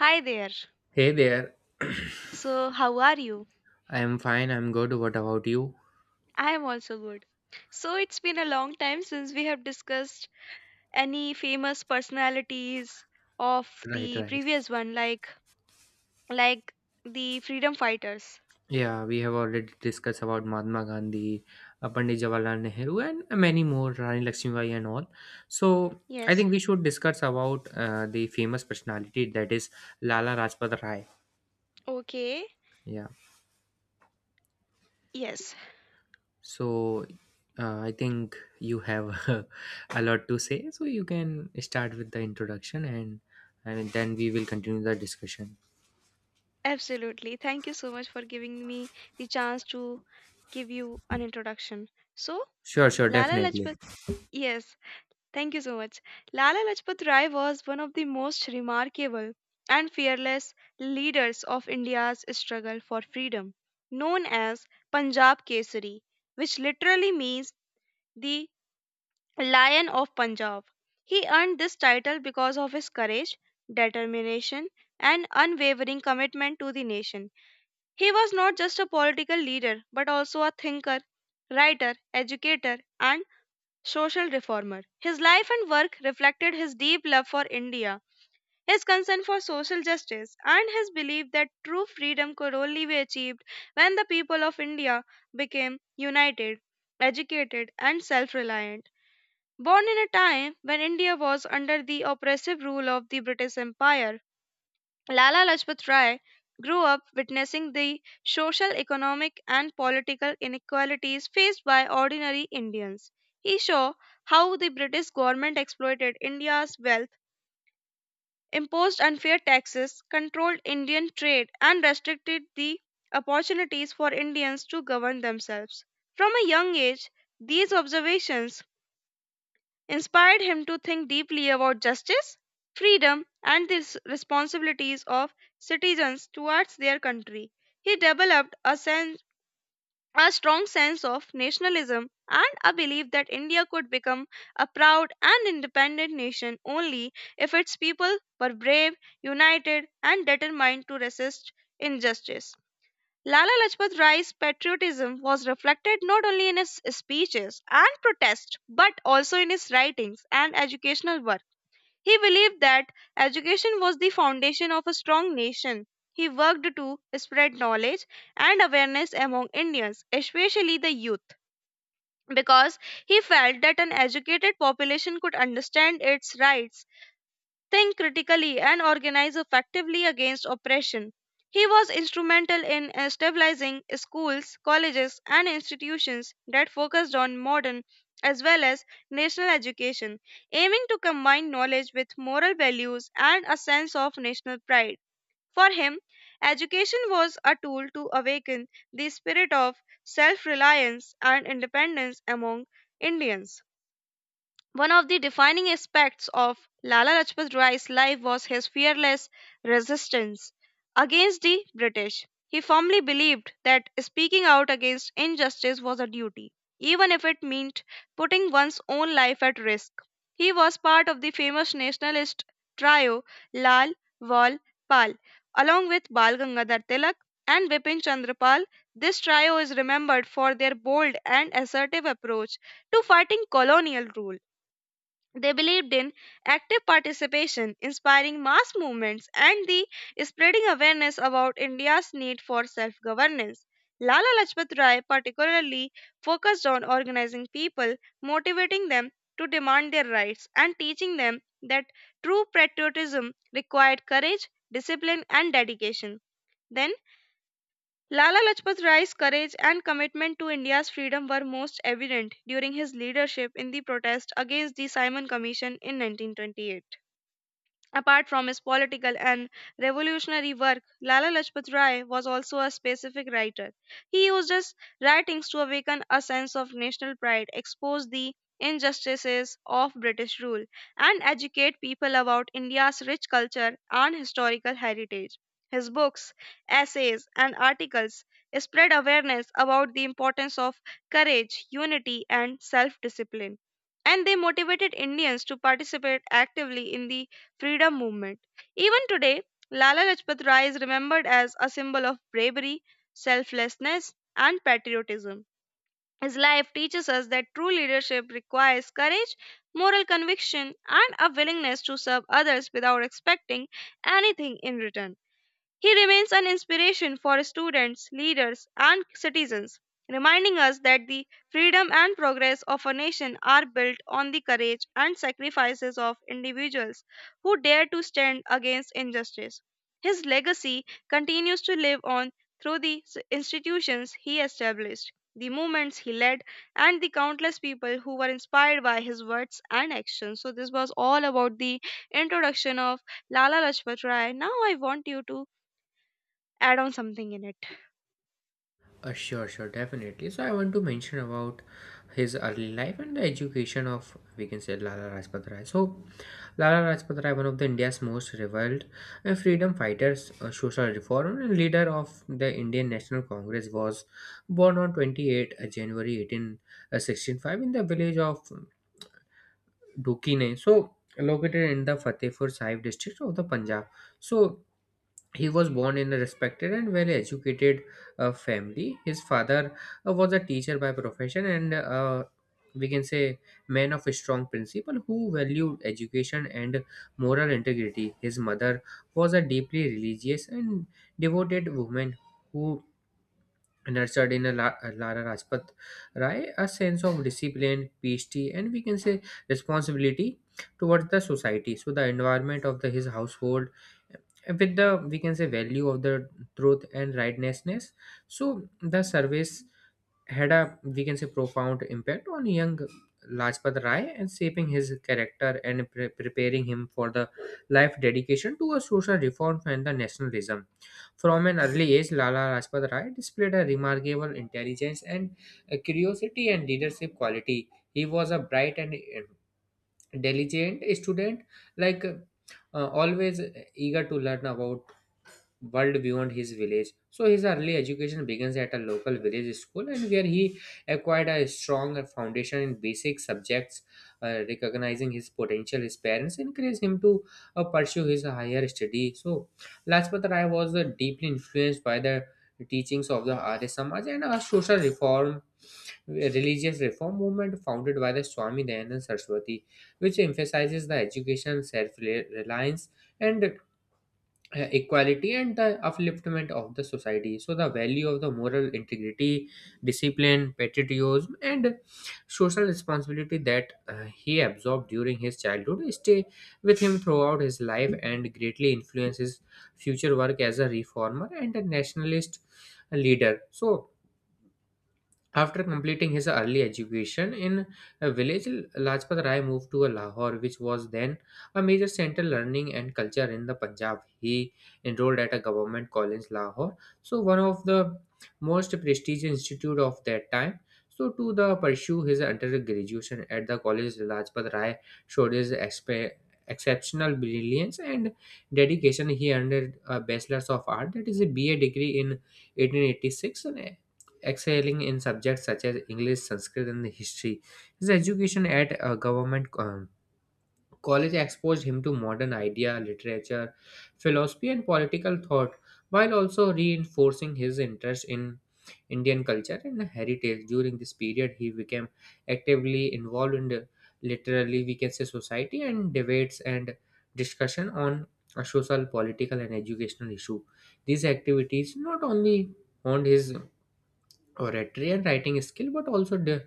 Hi there. Hey there. So, how are you? I'm fine. I'm good. What about you? I am also good. So, it's been a long time since we have discussed any famous personalities of Right, the right. previous one like the freedom fighters. Yeah, we have already discussed about Mahatma Gandhi, Pandit Jawaharlal Nehru, and many more, Rani Lakshmibai and all. So I Yes. think we should discuss about the famous personality, that is Lala Rajpat Rai. Okay. Yeah. Yes. So I think you have a lot to say, so you can start with the introduction, and then we will continue the discussion. Absolutely. Thank you so much for giving me the chance to give you an introduction. So, Sure, sure, Lala definitely. Lajpat. Yes. Thank you so much. Lala Lajpat Rai was one of the most remarkable and fearless leaders of India's struggle for freedom, known as Punjab Kesari, which literally means the Lion of Punjab. He earned this title because of his courage, determination, and unwavering commitment to the nation. He was not just a political leader but also a thinker, writer, educator, and social reformer. His life and work reflected his deep love for India, his concern for social justice, and his belief that true freedom could only be achieved when the people of India became united, educated, and self reliant. Born in a time when India was under the oppressive rule of the British Empire, Lala Lajpat Rai grew up witnessing the social, economic, and political inequalities faced by ordinary Indians. He saw how the British government exploited India's wealth, imposed unfair taxes, controlled Indian trade, and restricted the opportunities for Indians to govern themselves. From a young age, these observations inspired him to think deeply about justice, freedom, and the responsibilities of citizens towards their country. He developed a strong sense of nationalism and a belief that India could become a proud and independent nation only if its people were brave, united, and determined to resist injustice. Lala Lajpat Rai's patriotism was reflected not only in his speeches and protests but also in his writings and educational work. He believed that education was the foundation of a strong nation. He worked to spread knowledge and awareness among Indians, especially the youth, because he felt that an educated population could understand its rights, think critically, and organize effectively against oppression. He was instrumental in stabilizing schools, colleges, and institutions that focused on modern as well as national education, aiming to combine knowledge with moral values and a sense of national pride. For him, education was a tool to awaken the spirit of self reliance and independence among Indians. One of the defining aspects of Lala Lajpat Rai's life was his fearless resistance against the British. He firmly believed that speaking out against injustice was a duty, even if it meant putting one's own life at risk. He was part of the famous nationalist trio Lal, Wal, Pal, along with Bal Gangadhar Tilak and Bipin Chandra Pal. This trio is remembered for their bold and assertive approach to fighting colonial rule. They believed in active participation, inspiring mass movements, and the spreading awareness about India's need for self governance. Lala Lajpat Rai particularly focused on organizing people, motivating them to demand their rights, and teaching them that true patriotism required courage, discipline, and dedication. Then Lala Lajpat Rai's courage and commitment to India's freedom were most evident during his leadership in the protest against the Simon Commission in 1928. Apart from his political and revolutionary work, Lala Lajpat Rai was also a specific writer. He used his writings to awaken a sense of national pride, expose the injustices of British rule, and educate people about India's rich culture and historical heritage. His books, essays, and articles spread awareness about the importance of courage, unity, and self discipline. And they motivated Indians to participate actively in the freedom movement. Even today, Lala Lajpat Rai is remembered as a symbol of bravery, selflessness, and patriotism. His life teaches us that true leadership requires courage, moral conviction, and a willingness to serve others without expecting anything in return. He remains an inspiration for students, leaders, and citizens, reminding us that the freedom and progress of a nation are built on the courage and sacrifices of individuals who dare to stand against injustice. His legacy continues to live on through the institutions he established, the movements he led, and the countless people who were inspired by his words and actions. So, this was all about the introduction of Lala Lajpat Rai. Now, I want you to add on something in it. Sure, sure, definitely. So I want to mention about his early life and the education of, we can say, Lala Rajpat Rai. So Lala Rajpat Rai, one of the India's most reviled freedom fighters, social reformer, and leader of the Indian National Congress, was born on 28 January 1865 in the village of Dukine. So located in the Fatehpur Sahib district of the Punjab. So he was born in a respected and well educated family. His father was a teacher by profession and, we can say, man of a strong principle who valued education and moral integrity. His mother was a deeply religious and devoted woman who nurtured in a Lara Rajpat Rai, a sense of discipline, PhD, and, we can say, responsibility towards the society. So the environment of the his household, uh, with the, we can say, value of the truth and rightnessness. So the service had a, we can say, profound impact on young Lajpat Rai, and shaping his character and preparing him for the life dedication to a social reform and the nationalism. From an early age, Lala Lajpat Rai displayed a remarkable intelligence and curiosity and leadership quality. He was a bright and diligent student, like always eager to learn about world beyond his village. So his early education begins at a local village school, and where he acquired a strong foundation in basic subjects. Recognizing his potential, his parents encouraged him to pursue his higher study. So Lajpat Rai was deeply influenced by the teachings of the Arya Samaj, and a social reform, religious reform movement founded by the Swami Dayanand Saraswati, which emphasizes the education, self-reliance, and equality and the upliftment of the society. So the value of the moral integrity, discipline, patriotism, and social responsibility that he absorbed during his childhood stay with him throughout his life and greatly influence his future work as a reformer and a nationalist leader. So after completing his early education in a village, Lajpat Rai moved to Lahore, which was then a major center learning and culture in the Punjab. He enrolled at a government college, Lahore, so one of the most prestigious institute of that time. So to the pursue his undergraduation at the college, Lajpat Rai showed his exceptional brilliance and dedication. He earned a bachelor's of art, that is a BA degree in 1886, excelling in subjects such as English, Sanskrit, and history. His education at a government college exposed him to modern idea, literature, philosophy, and political thought, while also reinforcing his interest in Indian culture and heritage. During this period, he became actively involved in the literally, we can say, society and debates and discussion on a social political and educational issue. These activities not only honed his oratory and writing skill, but also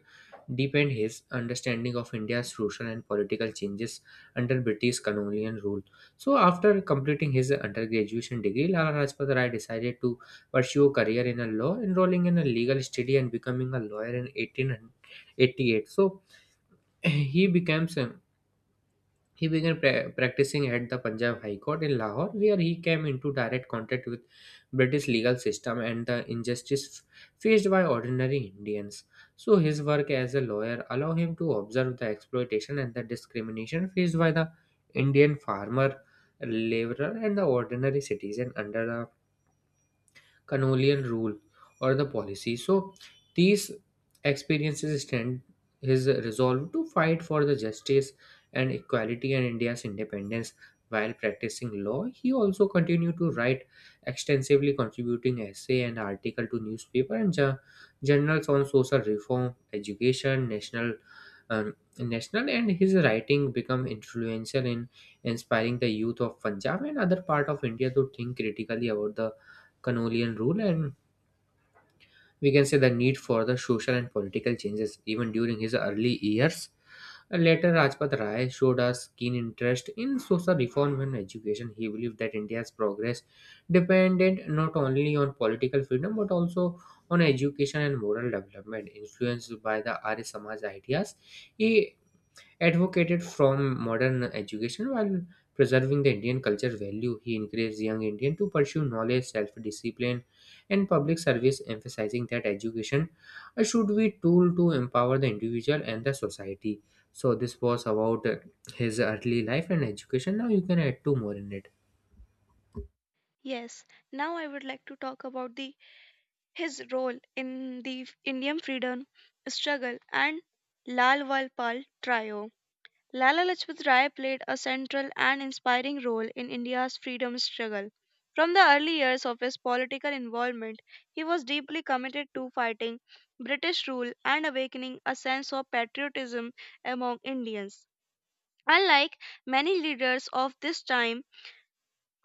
deepened his understanding of India's social and political changes under British colonial rule. So, after completing his undergraduate degree, Lala Rajpat Rai decided to pursue a career in a law, enrolling in a legal study and becoming a lawyer in 1888. So, he becomes a he began practicing at the Punjab High Court in Lahore, where he came into direct contact with British legal system and the injustice faced by ordinary Indians. So his work as a lawyer allowed him to observe the exploitation and the discrimination faced by the Indian farmer, laborer, and the ordinary citizen under the Canolian rule or the policy. So these experiences strengthened his resolve to fight for the justice and equality and India's independence. While practicing law, he also continued to write extensively, contributing essay and article to newspaper and journals on social reform, education, national, national, and his writing become influential in inspiring the youth of Punjab and other part of India to think critically about the Canolian rule, and, we can say, the need for the social and political changes even during his early years. Later, Rajpat Rai showed a keen interest in social reform and education. He believed that India's progress depended not only on political freedom but also on education and moral development. Influenced by the Arya Samaj ideas, he advocated from modern education while preserving the Indian culture value. He encouraged young Indian to pursue knowledge, self-discipline, and public service, emphasizing that education should be tool to empower the individual and the society. So this was about his early life and education. Now you can add two more in it. Yes, now I would like to talk about the his role in the Indian freedom struggle and Lal Walpal trio. Lala Lajpat Rai played a central and inspiring role in India's freedom struggle. From the early years of his political involvement, he was deeply committed to fighting British rule and awakening a sense of patriotism among Indians. Unlike many leaders of this time,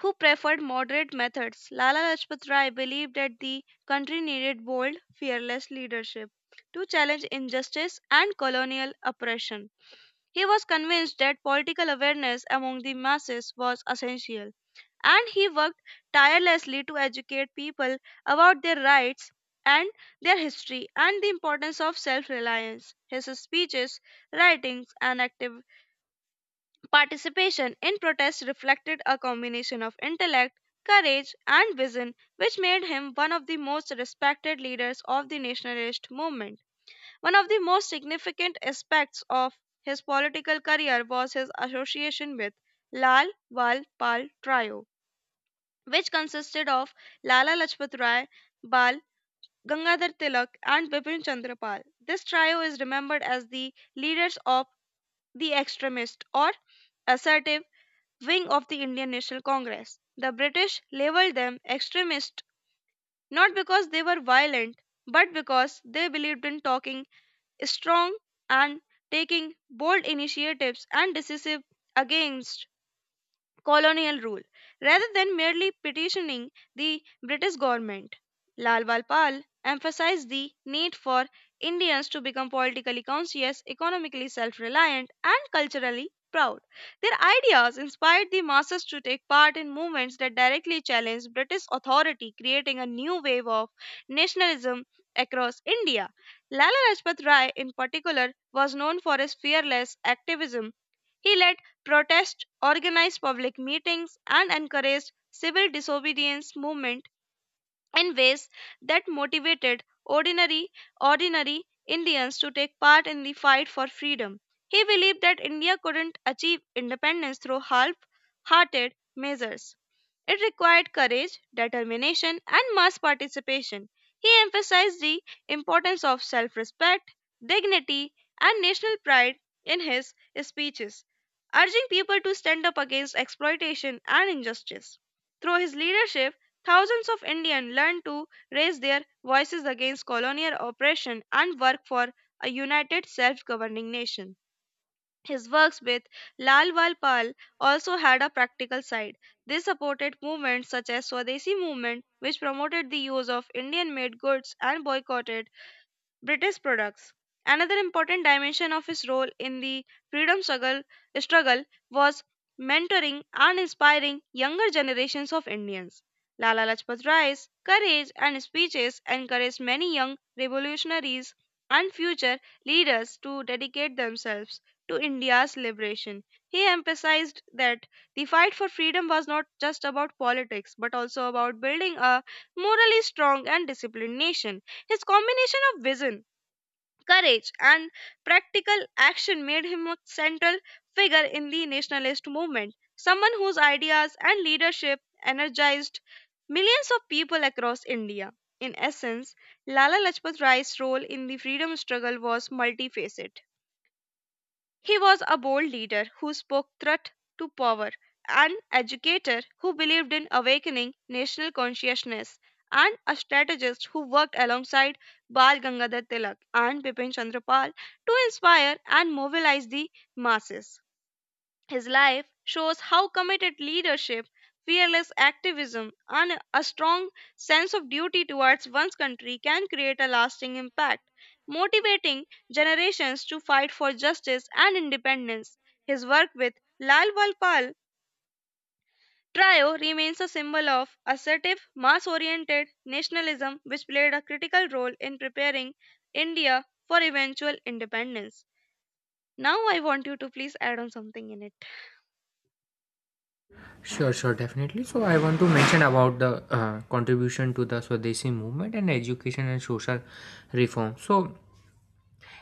who preferred moderate methods, Lala Lajpat Rai believed that the country needed bold, fearless leadership to challenge injustice and colonial oppression. He was convinced that political awareness among the masses was essential, and he worked tirelessly to educate people about their rights and their history and the importance of self reliance. His speeches, writings, and active participation in protest reflected a combination of intellect, courage, and vision, which made him one of the most respected leaders of the nationalist movement. One of the most significant aspects of his political career was his association with Lal Wal Pal Trio, which consisted of Lala Lajpat Rai, Bal Gangadhar Tilak, and Bipin Chandra Pal. This trio is remembered as the leaders of the extremist or assertive wing of the Indian National Congress. The British labeled them extremist not because they were violent, but because they believed in talking strong and taking bold initiatives and decisive against colonial rule rather than merely petitioning the British government. Lal Wal Pal emphasized the need for Indians to become politically conscious, economically self reliant, and culturally proud. Their ideas inspired the masses to take part in movements that directly challenged British authority, creating a new wave of nationalism across India. Lala Rajpat Rai, in particular, was known for his fearless activism. He led protests, organized public meetings, and encouraged civil disobedience movement in ways that motivated ordinary Indians to take part in the fight for freedom. He believed that India couldn't achieve independence through half-hearted measures. It required courage, determination, and mass participation. He emphasized the importance of self respect, dignity, and national pride in his speeches, urging people to stand up against exploitation and injustice. Through his leadership, thousands of Indians learned to raise their voices against colonial oppression and work for a united self governing nation. His works with Lal Wal Pal also had a practical side. They supported movements such as Swadeshi movement, which promoted the use of Indian-made goods and boycotted British products. Another important dimension of his role in the freedom struggle, was mentoring and inspiring younger generations of Indians. Lala Lajpat Rai's courage and speeches encouraged many young revolutionaries and future leaders to dedicate themselves to India's liberation. He emphasized that the fight for freedom was not just about politics but also about building a morally strong and disciplined nation. His combination of vision, courage, and practical action made him a central figure in the nationalist movement, someone whose ideas and leadership energized millions of people across India. In essence, Lala Lajpat Rai's role in the freedom struggle was multifaceted. He was a bold leader who spoke truth to power, an educator who believed in awakening national consciousness, and a strategist who worked alongside Bal Gangadhar Tilak and Bipin Chandra Pal to inspire and mobilize the masses. His life shows how committed leadership, fearless activism, and a strong sense of duty towards one's country can create a lasting impact, motivating generations to fight for justice and independence. His work with Lal Walpal Trio remains a symbol of assertive, mass oriented nationalism which played a critical role in preparing India for eventual independence. Now, I want you to please add on something in it. Sure, sure, definitely. So I want to mention about the contribution to the Swadeshi movement and education and social reform. So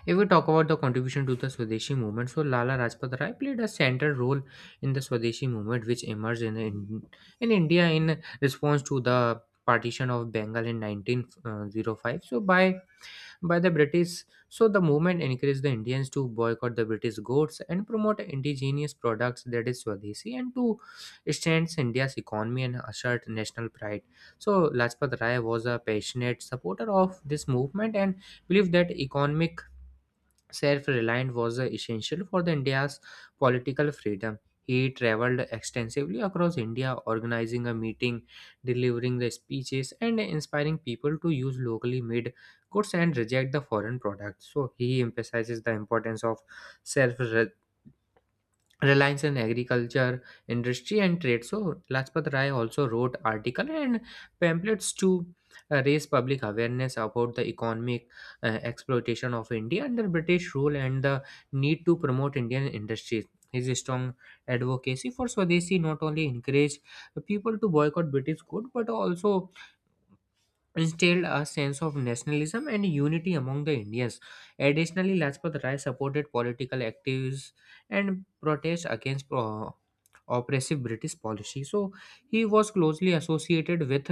if we talk about the contribution to the Swadeshi movement, so Lala Rajpat Rai played a central role in the Swadeshi movement, which emerged in India in response to the partition of Bengal in 1905. So by the British, so the movement encouraged the Indians to boycott the British goods and promote indigenous products, that is Swadeshi, and to strengthen India's economy and assert national pride. So Lajpat Rai was a passionate supporter of this movement and believed that economic self-reliant was essential for the India's political freedom. He traveled extensively across India, organizing a meeting, delivering the speeches, and inspiring people to use locally made goods and reject the foreign products. So he emphasizes the importance of self reliance on agriculture industry and trade. So Lajpat Rai also wrote article and pamphlets to raise public awareness about the economic exploitation of India under British rule and the need to promote Indian industries. His strong advocacy for Swadeshi not only encouraged people to boycott British good but also instilled a sense of nationalism and unity among the Indians. Additionally, Lajpat Rai supported political activities and protest against oppressive British policy. So he was closely associated with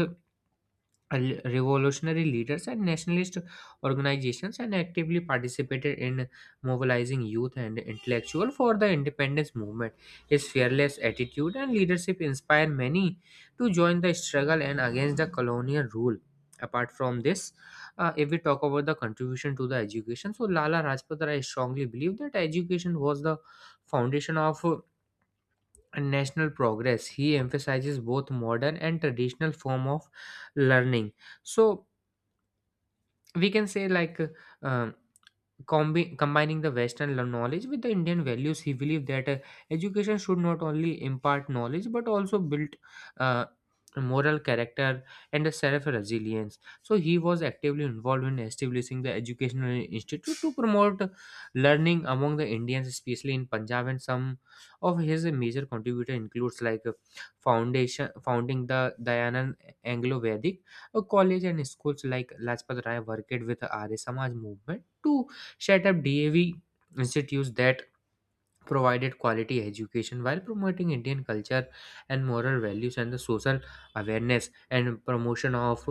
revolutionary leaders and nationalist organizations and actively participated in mobilizing youth and intellectuals for the independence movement. His fearless attitude and leadership inspired many to join the struggle and against the colonial rule. Apart from this, if we talk about the contribution to the education, so Lala Rajpat Rai strongly believed that education was the foundation of and national progress. He emphasizes both modern and traditional form of learning. So, we can say, like uh, combining the western knowledge with the Indian values, he believed that education should not only impart knowledge but also build uh, moral character and a self resilience. So he was actively involved in establishing the educational institute to promote learning among the Indians, especially in Punjab, and some of his major contributor includes, like foundation, founding the Dayanand Anglo Vedic college and schools. Like Lajpat Rai worked with the Arya Samaj movement to set up DAV institutes that provided quality education while promoting Indian culture and moral values and the social awareness and promotion of,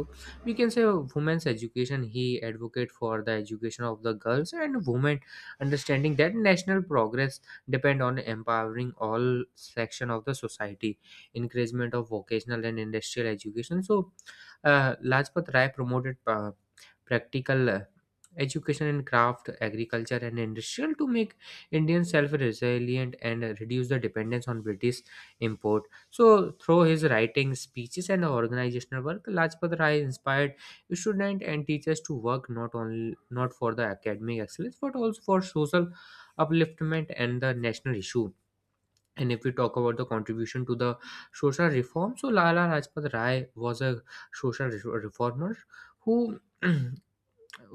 we can say, women's education. He advocate for the education of the girls and women, understanding that national progress depend on empowering all section of the society. Encouragement of vocational and industrial education, so Lajpat Rai promoted practical education in craft agriculture and industrial to make Indians self-resilient and reduce the dependence on British import. So through his writing, speeches, and organizational work, Lajpat Rai inspired students and teachers to work not only not for the academic excellence but also for social upliftment and the national issue. And if we talk about the contribution to the social reform, so Lala Lajpat Rai was a social reformer who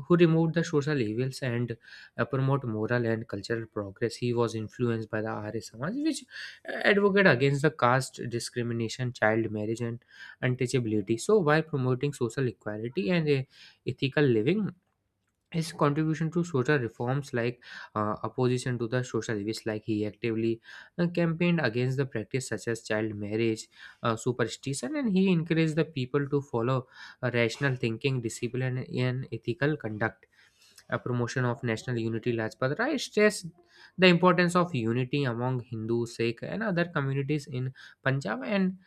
who removed the social evils and promote moral and cultural progress. He was influenced by the Arya Samaj, which advocate against the caste discrimination, child marriage, and untouchability. So, while promoting social equality and ethical living, his contribution to social reforms, like opposition to the social evils, like he actively campaigned against the practice such as child marriage, superstition, and he encouraged the people to follow rational thinking discipline and ethical conduct. A promotion of national unity, Lajpat Rai stressed the importance of unity among Hindu, Sikh, and other communities in Punjab and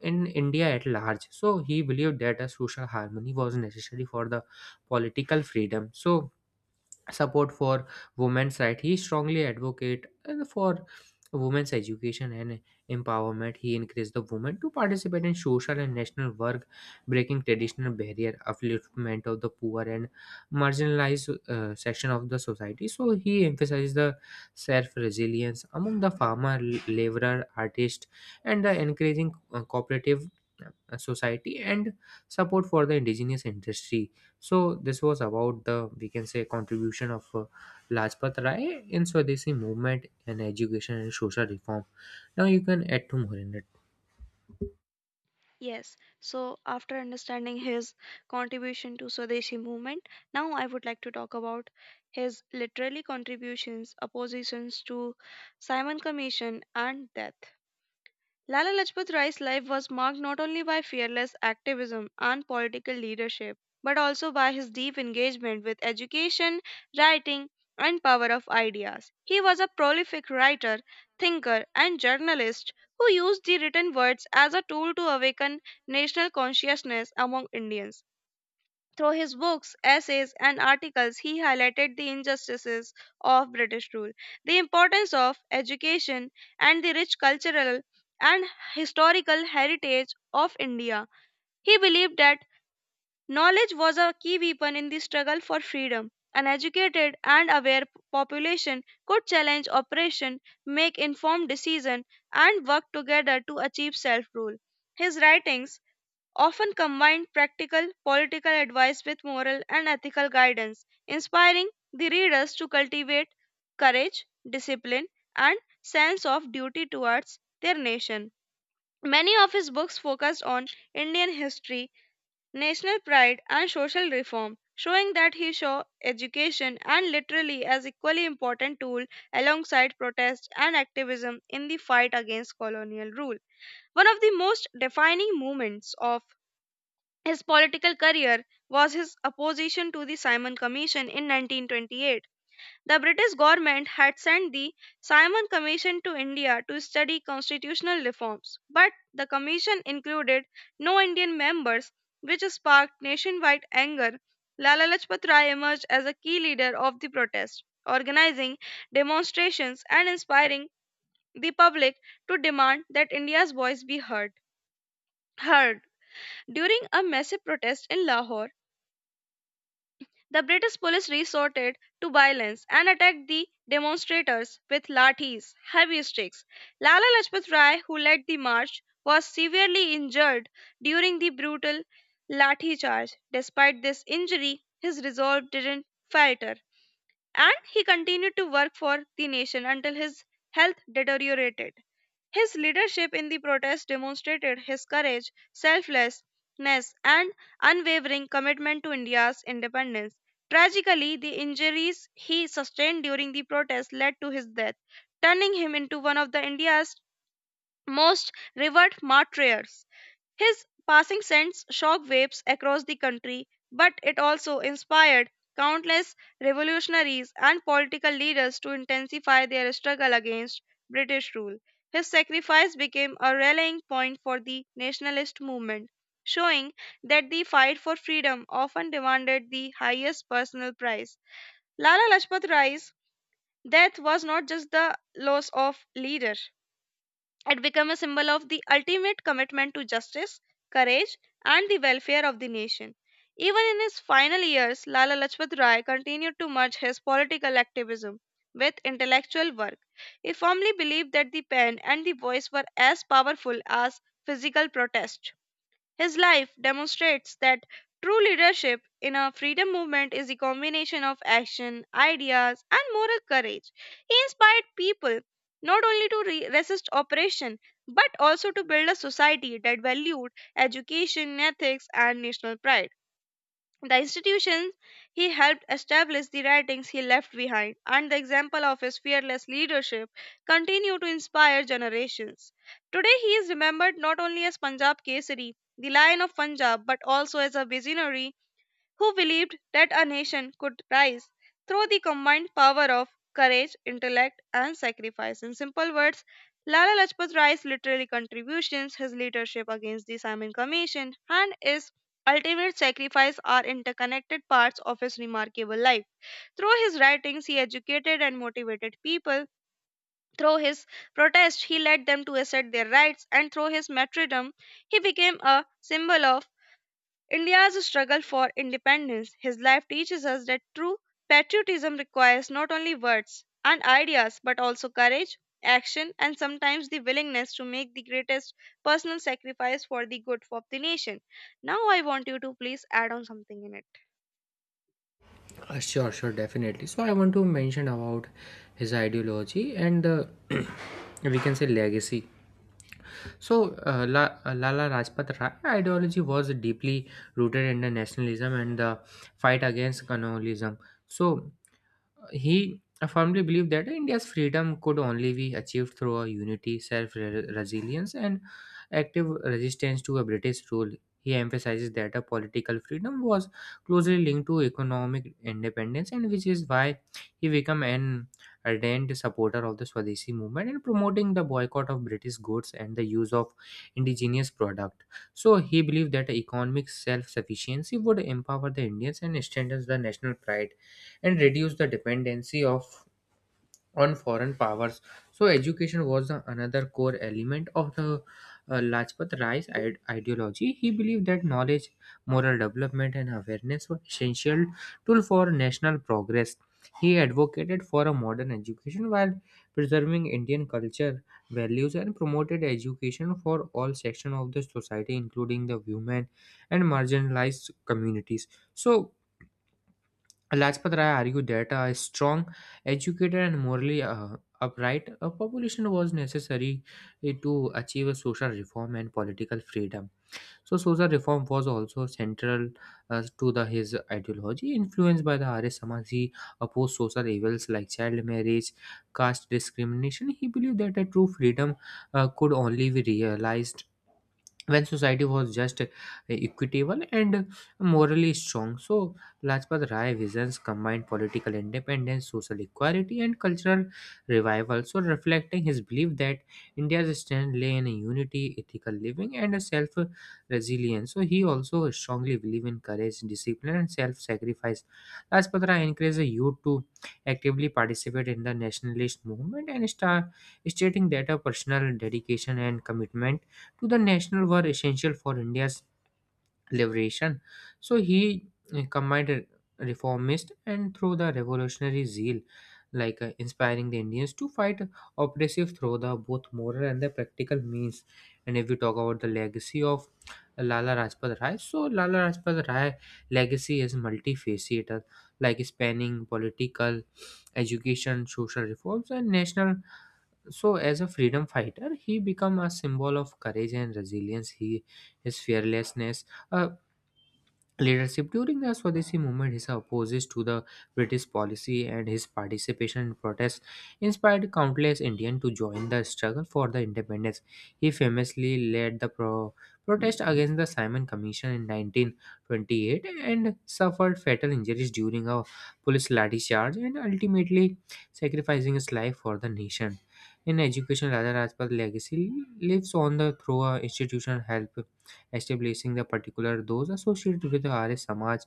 in India at large. So he believed that a social harmony was necessary for the political freedom. So support for women's right, he strongly advocate for women's education and empowerment. He encouraged the women to participate in social and national work, breaking traditional barrier, upliftment of the poor and marginalized section of the society. So he emphasized the self resilience among the farmer, laborer, artist, and the encouraging cooperative society and support for the indigenous industry. So this was about the, we can say, contribution of Lajpat Rai in Swadeshi movement and education and social reform. Now you can add to more in it. Yes, so after understanding his contribution to Swadeshi movement, now I would like to talk about his literary contributions, oppositions to Simon Commission and death. Lala Lajpat Rai's life was marked not only by fearless activism and political leadership, but also by his deep engagement with education, writing, and power of ideas. He was a prolific writer, thinker, and journalist who used the written words as a tool to awaken national consciousness among Indians. Through his books, essays, and articles, he highlighted the injustices of British rule, the importance of education, and the rich cultural and historical heritage of India. He believed that knowledge was a key weapon in the struggle for freedom. An educated and aware population could challenge oppression, make informed decisions, and work together to achieve self rule. His writings often combined practical political advice with moral and ethical guidance, inspiring the readers to cultivate courage, discipline, and sense of duty towards their nation. Many of his books focused on Indian history, national pride, and social reform, showing that he saw education and literacy as equally important tool alongside protest and activism in the fight against colonial rule. One of the most defining moments of his political career was his opposition to the Simon Commission in 1928. The British government had sent the Simon Commission to India to study constitutional reforms, but the commission included no Indian members, which sparked nationwide anger. Lala Lajpat Rai emerged as a key leader of the protest, organizing demonstrations and inspiring the public to demand that India's voice be heard. Heard During a massive protest in Lahore, the British police resorted to violence and attacked the demonstrators with lathis, heavy sticks. Lala Lajpat Rai, who led the march, was severely injured during the brutal lathi charge. Despite this injury, his resolve didn't falter, and he continued to work for the nation until his health deteriorated. His leadership in the protest demonstrated his courage, selflessness, and unwavering commitment to India's independence. Tragically, the injuries he sustained during the protest led to his death, turning him into one of the India's most revered martyrs. His passing sends shockwaves across the country, but it also inspired countless revolutionaries and political leaders to intensify their struggle against British rule. His sacrifice became a rallying point for the nationalist movement, showing that the fight for freedom often demanded the highest personal price. Lala Lajpat Rai's death was not just the loss of leader, it became a symbol of the ultimate commitment to justice, courage, and the welfare of the nation. Even in his final years, Lala Lajpat Rai continued to merge his political activism with intellectual work. He firmly believed that the pen and the voice were as powerful as physical protest. His life demonstrates that true leadership in a freedom movement is a combination of action, ideas, and moral courage. He inspired people not only to resist oppression but also to build a society that valued education, ethics, and national pride. The institutions he helped establish, the writings he left behind, and the example of his fearless leadership continue to inspire generations. Today, he is remembered not only as Punjab Kesari, the Lion of Punjab, but also as a visionary who believed that a nation could rise through the combined power of courage, intellect, and sacrifice. In simple words, Lala Lajpat Rai's literary contributions, his leadership against the Simon Commission, and his ultimate sacrifice are interconnected parts of his remarkable life. Through his writings, he educated and motivated people. Through his protest, he led them to assert their rights, and through his martyrdom, he became a symbol of India's struggle for independence. His life teaches us that true patriotism requires not only words and ideas, but also courage, action, and sometimes the willingness to make the greatest personal sacrifice for the good of the nation. Now, I want you to please add on something in it. Sure, definitely. So I want to mention about his ideology and the we can say legacy. So Lala Rajpat Rai ideology was deeply rooted in the nationalism and the fight against colonialism. So he firmly believed that India's freedom could only be achieved through a unity, self resilience, and active resistance to a British rule. He emphasizes that a political freedom was closely linked to economic independence, and which is why he became an ardent supporter of the Swadeshi movement and promoting the boycott of British goods and the use of indigenous products. So he believed that economic self-sufficiency would empower the Indians and strengthen the national pride and reduce the dependency of on foreign powers. So education was the another core element of the Lajpat Rai's ideology. He believed that knowledge, moral development, and awareness were essential tool for national progress. He advocated for a modern education while preserving Indian culture, values, and promoted education for all sections of the society, including the women and marginalized communities. So Lajpat Rai argued that a strong, educated, and morally upright population was necessary to achieve social reform and political freedom. So, social reform was also central to his ideology. Influenced by the Arya Samaj, he opposed social evils like child marriage, caste discrimination. He believed that a true freedom could only be realized when society was just, equitable, and morally strong. So, Lajpat Rai visions combined political independence, social equality, and cultural revival, so reflecting his belief that India's strength lay in unity, ethical living, and self resilience. So, he also strongly believed in courage, discipline, and self sacrifice. Lajpat Rai encouraged the youth to actively participate in the nationalist movement and start stating that a personal dedication and commitment to the national were essential for India's liberation. So he combined a reformist and through the revolutionary zeal, like, inspiring the Indians to fight oppressive through the both moral and the practical means. And if we talk about the legacy of Lala Rajpat Rai, so Lala Rajpat Rai legacy is multifaceted, like spanning political, education, social reforms, and national. So as a freedom fighter he became a symbol of courage and resilience, he his fearlessness, uh, leadership. During the Swadeshi movement, his opposition to the British policy and his participation in protests inspired countless Indians to join the struggle for the independence. He famously led the protest against the Simon Commission in 1928 and suffered fatal injuries during a police lathi charge and ultimately sacrificing his life for the nation. In education, Raja Rajpal's legacy lives on the through a institutional help, establishing the particular those associated with the Arya Samaj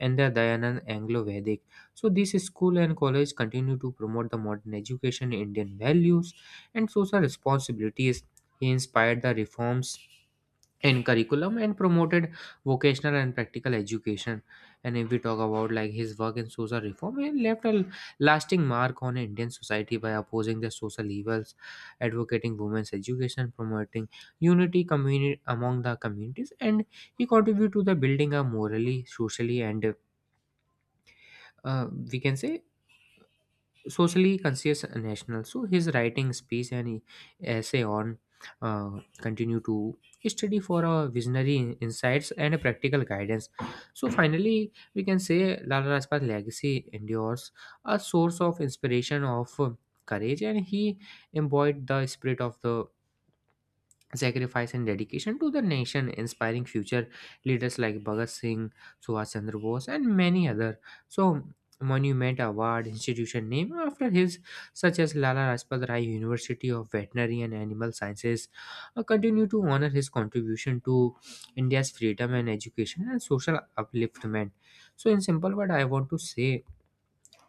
and the Dayanan Anglo-Vedic. So these school and college continue to promote the modern education, Indian values, and social responsibilities. He inspired the reforms in curriculum and promoted vocational and practical education. And if we talk about like his work in social reform, he left a lasting mark on indian society by opposing the social evils, advocating women's education, promoting unity community among the communities, and he contributed to the building a morally, socially, and, we can say, socially conscious national. So his writing speech and essay on, uh, continue to study for a visionary insights and a practical guidance. So finally, we can say Lala Rajpat's legacy endures a source of inspiration of, courage, and he embodied the spirit of the sacrifice and dedication to the nation, inspiring future leaders like Bhagat Singh, Subhash Chandra Bose, and many other. So, monument, award, institution name after his, such as Lala Rajpat Rai University of Veterinary and Animal Sciences, continue to honor his contribution to India's freedom and education and social upliftment. So, in simple word, I want to say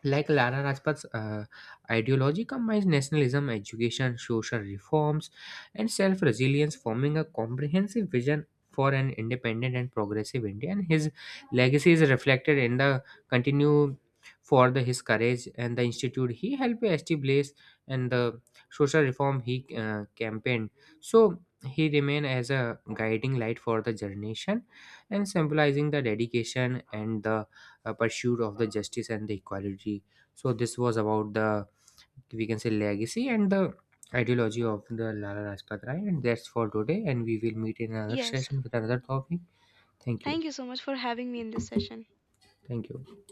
like Lala Rajpat's ideology combines nationalism, education, social reforms, and self resilience, forming a comprehensive vision for an independent and progressive India. And his legacy is reflected in the continue for his courage and the institute he helped establish and the social reform he campaigned. So he remained as a guiding light for the generation and symbolizing the dedication and the pursuit of the justice and the equality. So this was about the, we can say, legacy and the ideology of the Lala Rajpat Rai. And that's for today. And we will meet in another Yes, session with another topic. Thank you. thank you so much for having me in this session. Thank you.